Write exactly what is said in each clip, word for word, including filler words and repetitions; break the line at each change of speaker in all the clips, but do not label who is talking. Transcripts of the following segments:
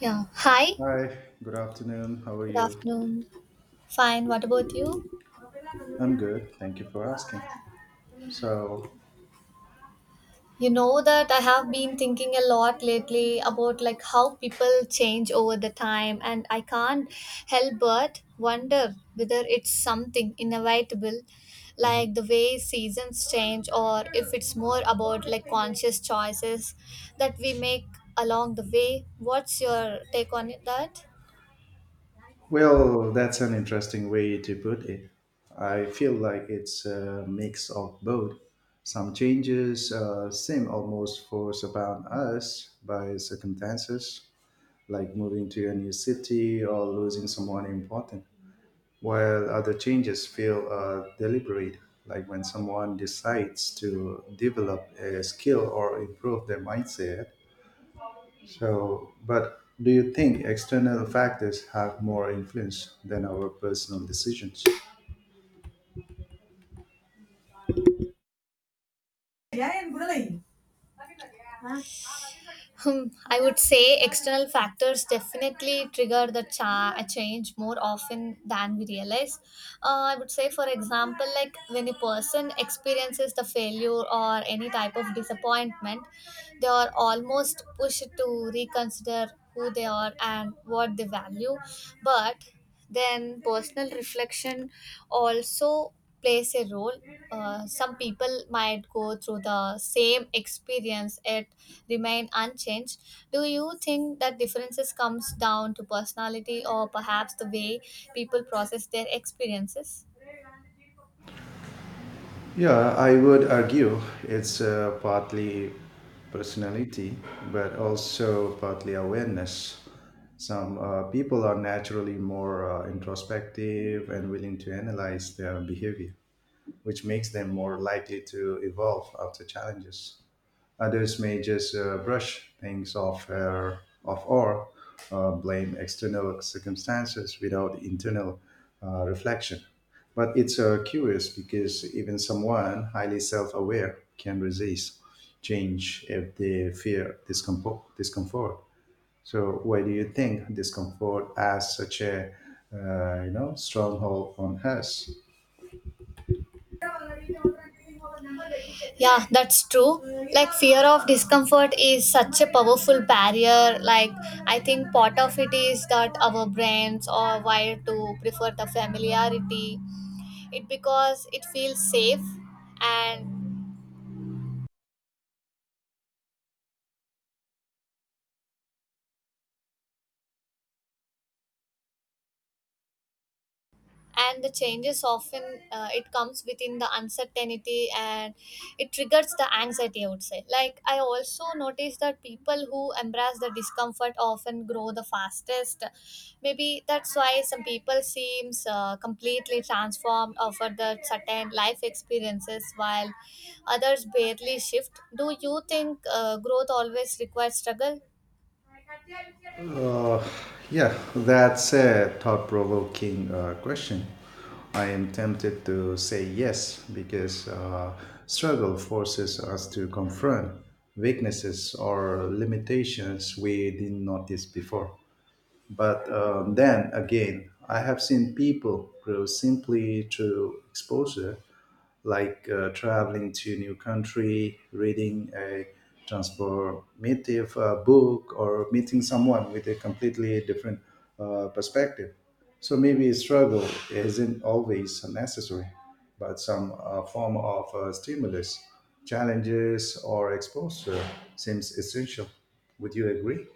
Yeah. Hi.
Hi, good afternoon. How are
Good
you?
afternoon. Fine. What about you?
I'm good. Thank you for asking. So,
You know that I have been thinking a lot lately about like how people change over the time, and I can't help but wonder whether it's something inevitable,
mhm.
like the way seasons change, or if it's more about like conscious choices that we make along the way. What's your take on it that?
Well, that's an interesting way to put it. I feel like it's a mix of both. Some changes uh, seem almost forced upon us by circumstances, like moving to a new city or losing someone important, while other changes feel uh, deliberate, like when someone decides to develop a skill or improve their mindset. So, but do you think external factors have more influence than our personal decisions?
Yeah, and good. Hmm, I would say external factors definitely trigger the cha- a change more often than we realize. Uh, I would say, for example, like when a person experiences the failure or any type of disappointment, they are almost pushed to reconsider who they are and what they value. But then personal reflection also plays a role. Uh, some people might go through the same experience yet remain unchanged. Do you think that differences comes down to personality, or perhaps the way people process their experiences?
Yeah, I would argue it's uh, partly personality, but also partly awareness. Some uh, people are naturally more uh, introspective and willing to analyze their behavior, which makes them more likely to evolve after challenges. Others may just uh, brush things off, or- off or uh, blame external circumstances without internal uh, reflection. But it's uh, curious because even someone highly self aware can resist change if they fear discomfort. discomfort. So, why do you think discomfort has such a uh, you know stronghold on us?
Yeah, that's true. Like fear of discomfort is such a powerful barrier. Like I think part of it is that our brains are wired to prefer the familiarity, it, because it feels safe. And and the changes often, uh, it comes within the uncertainty, and it triggers the anxiety, I would say. Like I also noticed that people who embrace the discomfort often grow the fastest. Maybe that's why some people seems uh, completely transformed over the certain life experiences, while others barely shift. Do you think uh, growth always requires struggle?
Uh, yeah, that's a thought provoking uh, question. I am tempted to say yes because uh, struggle forces us to confront weaknesses or limitations we didn't notice before. But uh, then again, I have seen people grow simply through exposure like uh, traveling to new country, reading a transformative uh, book, or meeting someone with a completely different uh, perspective. So maybe struggle isn't always necessary, but some uh, form of uh, stimulus, challenges, or exposure seems essential. Would you agree?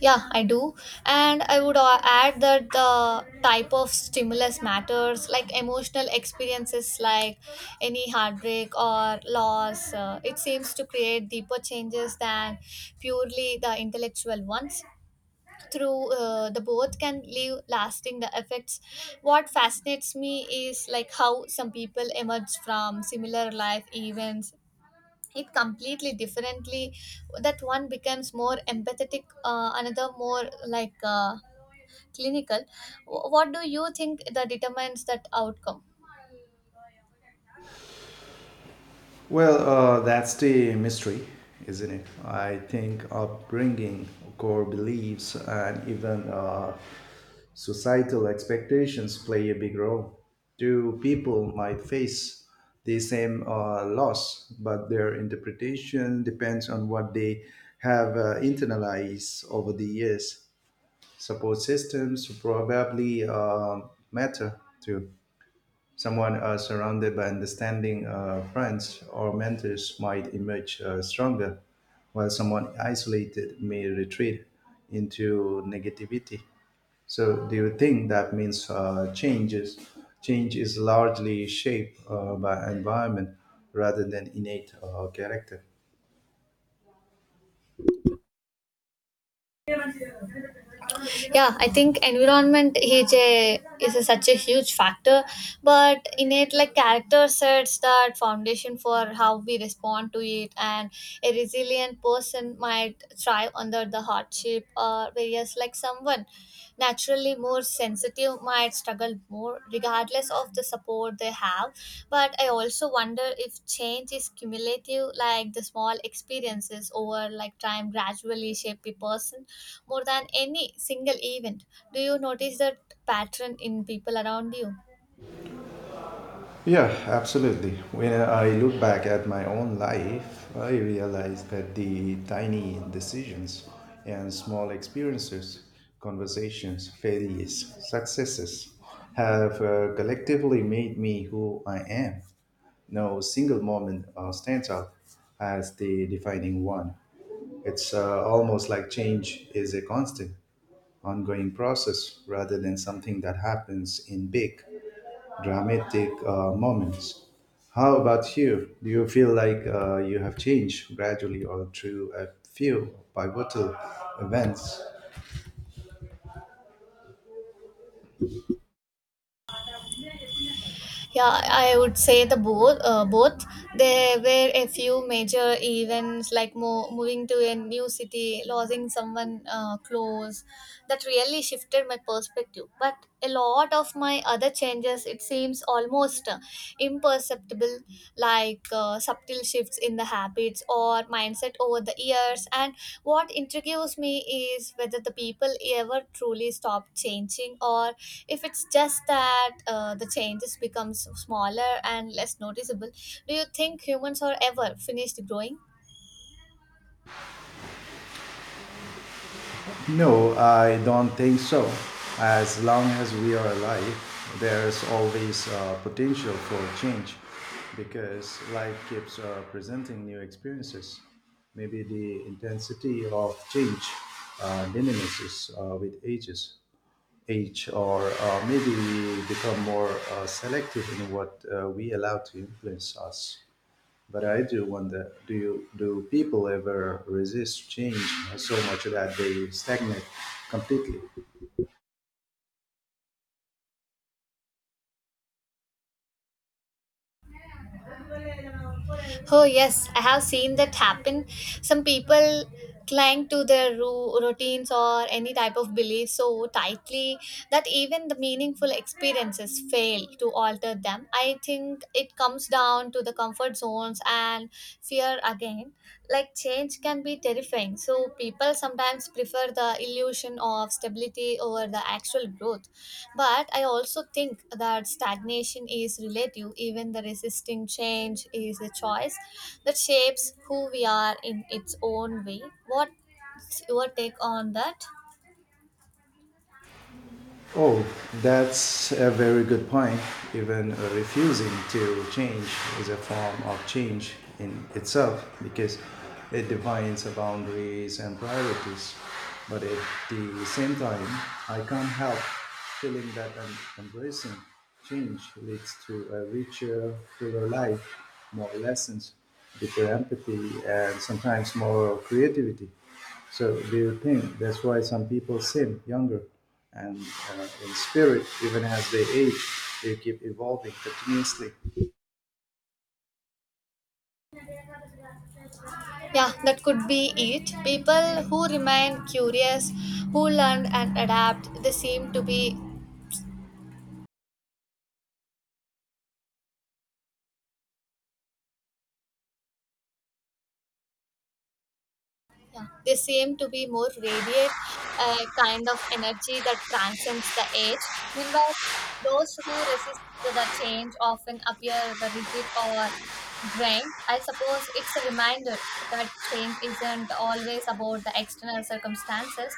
Yeah, I do. And I would uh, add that the type of stimulus matters, like emotional experiences, like any heartbreak or loss. Uh, it seems to create deeper changes than purely the intellectual ones. Through uh, the both can leave lasting the effects. What fascinates me is like how some people emerge from similar life events it completely differently, that one becomes more empathetic, uh, another more like uh, clinical. Wh- what do you think that determines that outcome?
Well, uh, that's the mystery, isn't it? I think upbringing, core beliefs, and even uh, societal expectations play a big role. Two people might face the same uh, loss, but their interpretation depends on what they have uh, internalized over the years. Support systems probably uh, matter too. Someone uh, surrounded by understanding uh, friends or mentors might emerge uh, stronger, while someone isolated may retreat into negativity. So, do you think that means uh, changes? Change is largely shaped uh, by environment rather than innate uh, character.
Yeah, I think environment is a is a, such a huge factor, but in it, like character sets that foundation for how we respond to it. And a resilient person might thrive under the hardship, or whereas like someone naturally more sensitive might struggle more regardless of the support they have. But I also wonder if change is cumulative, like the small experiences over like time gradually shape a person more than any single event. Do you notice that pattern in people around you?
Yeah, absolutely. When I look back at my own life, I realize that the tiny decisions and small experiences, conversations, failures, successes have uh, collectively made me who I am. No single moment uh, stands out as the defining one. It's uh, almost like change is a constant, ongoing process rather than something that happens in big dramatic uh, moments. How about you? Do you feel like uh, you have changed gradually or through a few pivotal events?
Yeah, I would say the both. Uh, both there were a few major events like mo- moving to a new city, losing someone uh, close, that really shifted my perspective. But a lot of my other changes, it seems almost uh, imperceptible, like uh, subtle shifts in the habits or mindset over the years. And what intrigues me is whether the people ever truly stop changing, or if it's just that uh, the changes becomes smaller and less noticeable. Do you think humans are ever finished growing?
No, I don't think so. As long as we are alive, there is always uh, potential for change because life keeps uh, presenting new experiences. Maybe the intensity of change uh, diminishes uh, with ages, age, or uh, maybe we become more uh, selective in what uh, we allow to influence us. But I do wonder, do you do people ever resist change so much that they stagnate completely?
Oh, yes, I have seen that happen. Some people cling to their ru- routines or any type of belief so tightly that even the meaningful experiences fail to alter them. I think it comes down to the comfort zones and fear again. Like change can be terrifying, so people sometimes prefer the illusion of stability over the actual growth. But I also think that stagnation is relative. Even the resisting change is a choice that shapes who we are in its own way. What's your take on that?
Oh, that's a very good point. Even uh, refusing to change is a form of change in itself because it defines the boundaries and priorities. But at the same time, I can't help feeling that em- embracing change leads to a richer, fuller life, more lessons, deeper empathy, and sometimes more creativity. So do you think that's why some people sin younger and uh, in spirit, even as they age, they keep evolving continuously?
Yeah, that could be it. People who remain curious, who learn and adapt, they seem to be. Yeah, they seem to be more radiant, a kind of energy that transcends the age. Meanwhile, those who resist the change often appear the rigid or drained. I suppose it's a reminder that change isn't always about the external circumstances.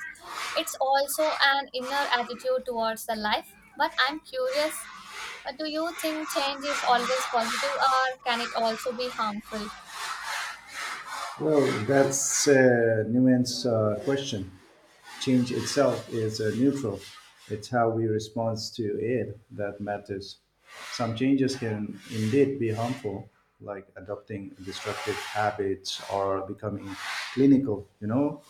It's also an inner attitude towards the life. But I'm curious, uh, do you think change is always positive, or can it also be harmful?
Well, that's a nuanced uh, question. Change itself is uh, neutral. It's how we respond to it that matters. Some changes can indeed be harmful, like adopting destructive habits or becoming clinical, you know,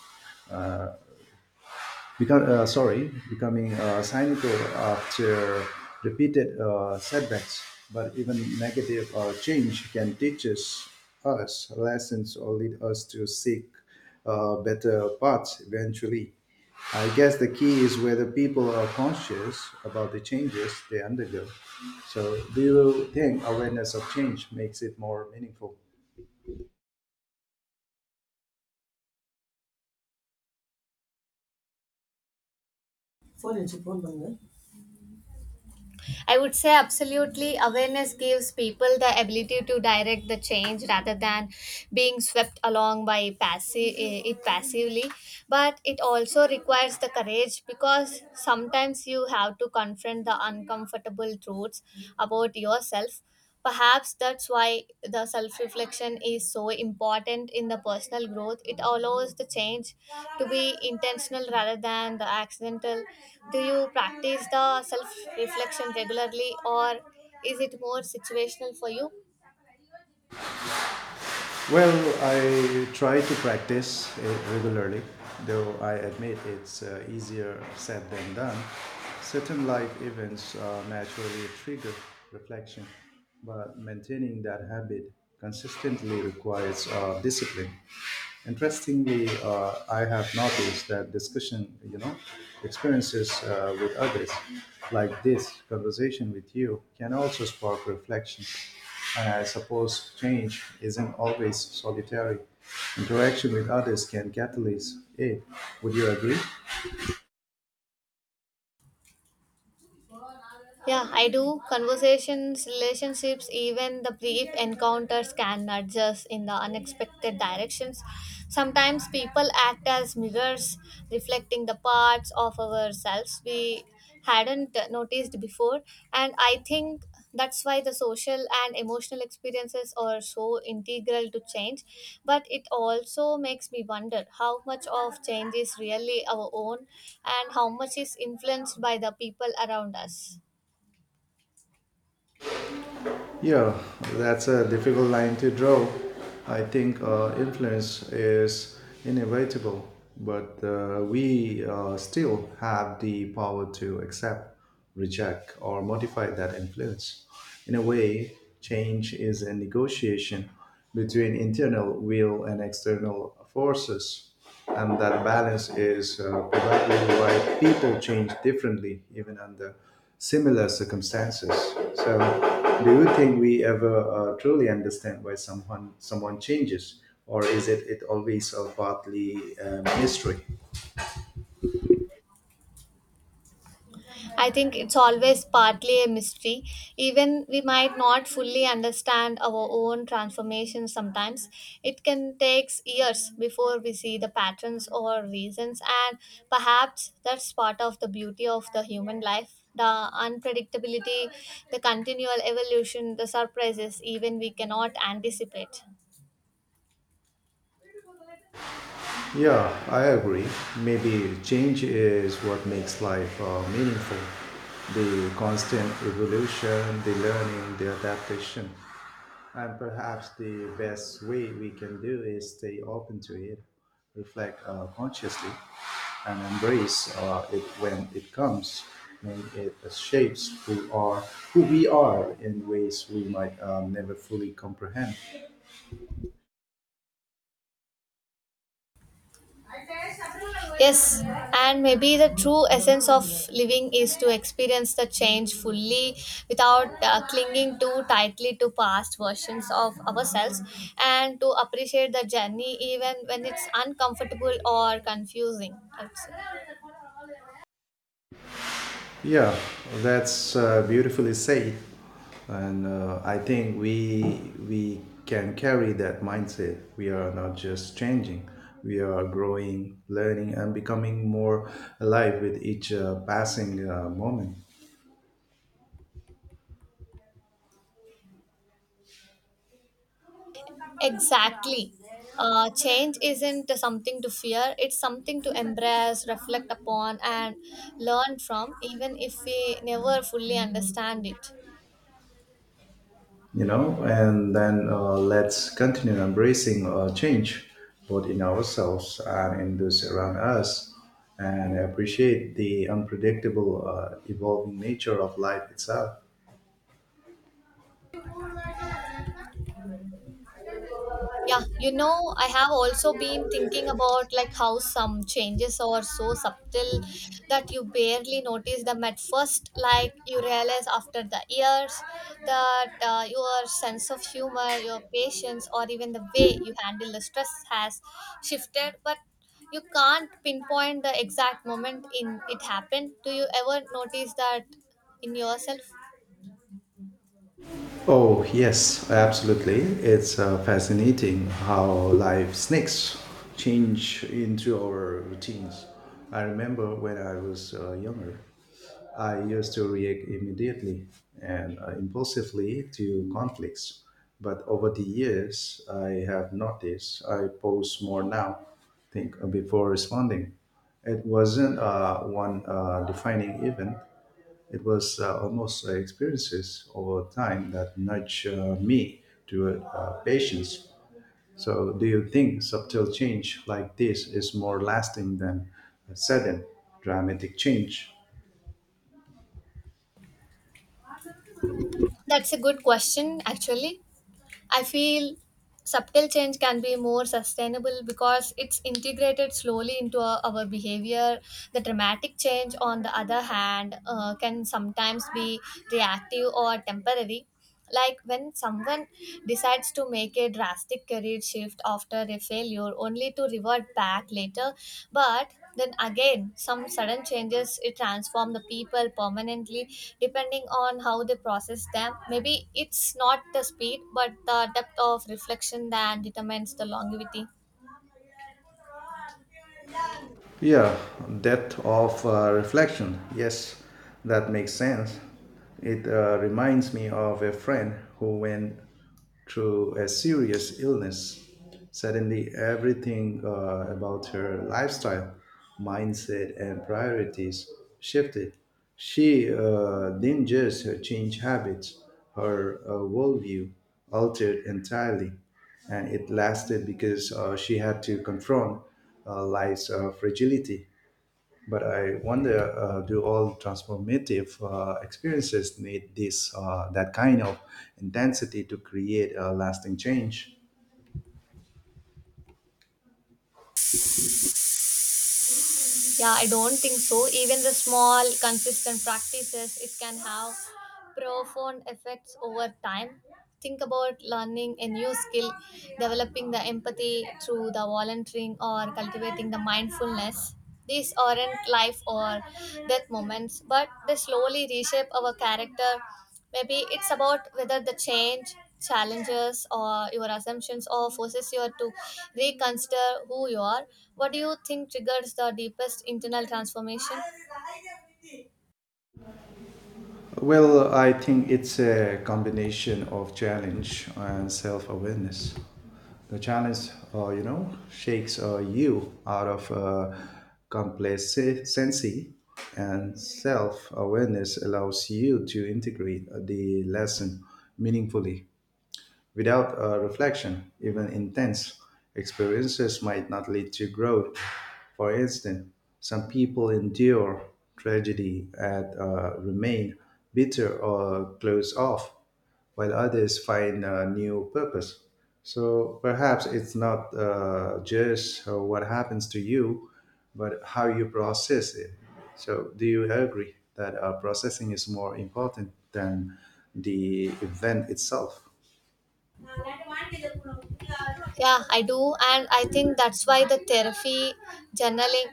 become uh, sorry becoming uh, cynical after repeated uh, setbacks. But even negative uh, change can teach us, us lessons or lead us to seek uh, better paths eventually. I guess the key is whether people are conscious about the changes they undergo. So do you think awareness of change makes it more meaningful?
Phone வச்சு phone பண்ணுங்க. I would say absolutely. Awareness gives people the ability to direct the change rather than being swept along by passive it passively. But it also requires the courage, because sometimes you have to confront the uncomfortable truths about yourself. Perhaps that's why the self reflection is so important in the personal growth. It allows the change to be intentional rather than the accidental. Do you practice the self reflection regularly, or is it more situational for you?
Well, I try to practice it regularly, though I admit it's uh, easier said than done. Certain life events uh, naturally trigger reflection, but maintaining that habit consistently requires uh, discipline. Interestingly, uh, I have noticed that discussion, you know, experiences uh, with others, like this conversation with you, can also spark reflection. And I suppose change isn't always solitary. Interaction with others can catalyze it. Would you agree?
Yeah, I do. Conversations, relationships, even the brief encounters can nudge us in the unexpected directions. Sometimes people act as mirrors, reflecting the parts of ourselves we hadn't noticed before. And I think that's why the social and emotional experiences are so integral to change. But it also makes me wonder how much of change is really our own, and how much is influenced by the people around us.
Yeah, that's a difficult line to draw. I think uh, influence is inevitable, but uh, we uh, still have the power to accept, reject, or modify that influence. In a way, change is a negotiation between internal will and external forces, and that balance is uh, probably why people change differently even under similar circumstances. So do you think we ever uh, truly understand why someone someone changes, or is it, it always a partly uh, mystery?
I think it's always partly a mystery. Even we might not fully understand our own transformation sometimes. It can take years before we see the patterns or reasons, and perhaps that's part of the beauty of the human life. The unpredictability, the continual evolution, the surprises, even we cannot anticipate.
Yeah, I agree. Maybe change is what makes life uh, meaningful, the constant evolution, the learning, the adaptation. And perhaps the best way we can do is stay open to it, reflect uh, consciously, and embrace uh, it when it comes, when it shapes who are who we are in ways we might um, never fully comprehend.
Yes, and maybe the true essence of living is to experience the change fully without uh, clinging too tightly to past versions of ourselves, and to appreciate the journey even when it's uncomfortable or confusing. I would say.
Yeah, that's uh, beautifully said, and uh, I think we we can carry that mindset. We are not just changing; we are growing, learning, and becoming more alive with each uh, passing uh, moment.
Exactly. Uh, change isn't something to fear, it's something to embrace, reflect upon, and learn from, even if we never fully understand it.
You know, and then uh, let's continue embracing uh, change, both in ourselves and in those around us, and appreciate the unpredictable, uh, evolving nature of life itself.
Yeah, you know, I have also been thinking about like how some changes are so subtle that you barely notice them at first. Like you realize after the years that uh, your sense of humor, your patience, or even the way you handle the stress has shifted, but you can't pinpoint the exact moment in it happened. Do you ever notice that in yourself?
Oh, yes, absolutely. It's uh, fascinating how life snakes change into our routines. I remember when I was uh, younger, I used to react immediately and uh, impulsively to conflicts. But over the years, I have noticed I pause more now, think uh, before responding. It wasn't uh, one uh, defining event, it was uh, almost uh, experiences over time that nurture me to uh, patience. So, do you think subtle change like this is more lasting than a sudden dramatic change?
That's a good question, actually. I feel subtle change can be more sustainable because it's integrated slowly into our, our behavior. The dramatic change, on the other hand, uh, can sometimes be reactive or temporary. Like when someone decides to make a drastic career shift after a failure only to revert back later, but then again, some sudden changes it transform the people permanently depending on how they process them. Maybe it's not the speed but the depth of reflection that determines the longevity.
Yeah, depth of uh, reflection. Yes, that makes sense. It uh, reminds me of a friend who went through a serious illness. Suddenly, everything uh, about her lifestyle, mindset, and priorities shifted. She uh, didn't just change habits, her uh, worldview altered entirely and it lasted because uh, she had to confront uh, life's uh, fragility. But I wonder, uh, do all transformative uh, experiences need this uh, that kind of intensity to create a lasting change?
Yeah, I don't think so. Even the small, consistent practices, it can have profound effects over time. Think about learning a new skill, developing the empathy through the volunteering, or cultivating the mindfulness. These aren't life or death moments, but they slowly reshape our character. Maybe it's about whether the change challenges or your assumptions, or forces you to reconsider who you are. What do you think triggers the deepest internal transformation?
Well, I think it's a combination of challenge and self awareness. The challenge, uh, you know, shakes uh, you out of uh, complacency, and self awareness allows you to integrate the lesson meaningfully. Without uh, reflection, even intense experiences might not lead to growth. For instance, some people endure tragedy and uh, remain bitter or close off, while others find a new purpose. So perhaps it's not uh, just uh, what happens to you, but how you process it. So, do you agree that uh, processing is more important than the event itself?
Yeah, I do, and I think that's why the therapy, journaling,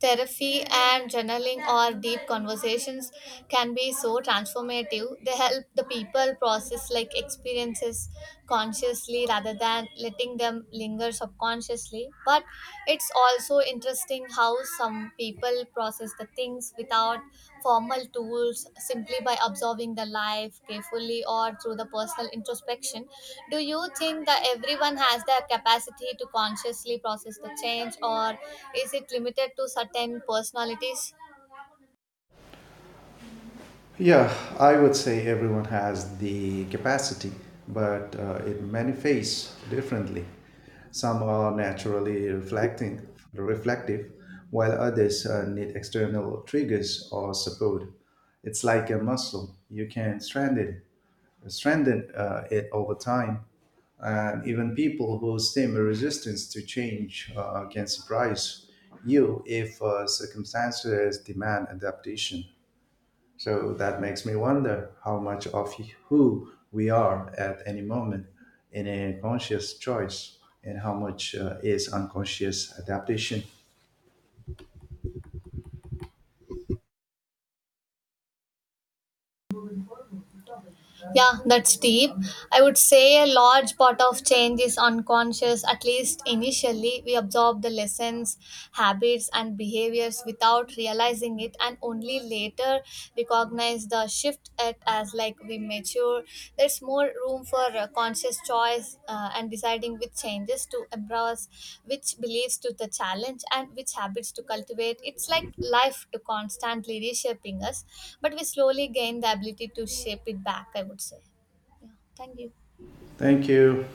therapy and journaling or deep conversations can be so transformative. They help the people process like experiences consciously rather than letting them linger subconsciously. But it's also interesting how some people process the things without formal tools, simply by observing the life carefully or through the personal introspection. Do you think that everyone has the capacity to consciously process the change, or is it limited to certain personalities?
Yeah, I would say everyone has the capacity, but uh, it manifests differently. Some are naturally reflecting, reflective, while others uh, need external triggers or support. It's like a muscle; you can strengthen, strengthen uh, it over time. And even people who seem resistant to change uh, can surprise you if uh, circumstances demand adaptation. So that makes me wonder how much of who we are at any moment in a conscious choice and how much uh, is unconscious adaptation.
Yeah, that's deep. I would say a large part of change is unconscious, at least initially. We absorb the lessons, habits, and behaviors without realizing it, and only later recognize the shift it. As like we mature, sure there's more room for uh, conscious choice, uh, and deciding which changes to embrace, which beliefs to the challenge, and which habits to cultivate. It's like life to constantly reshaping us, but we slowly gain the ability to shape it back, I would say. Yeah, thank you.
Thank you.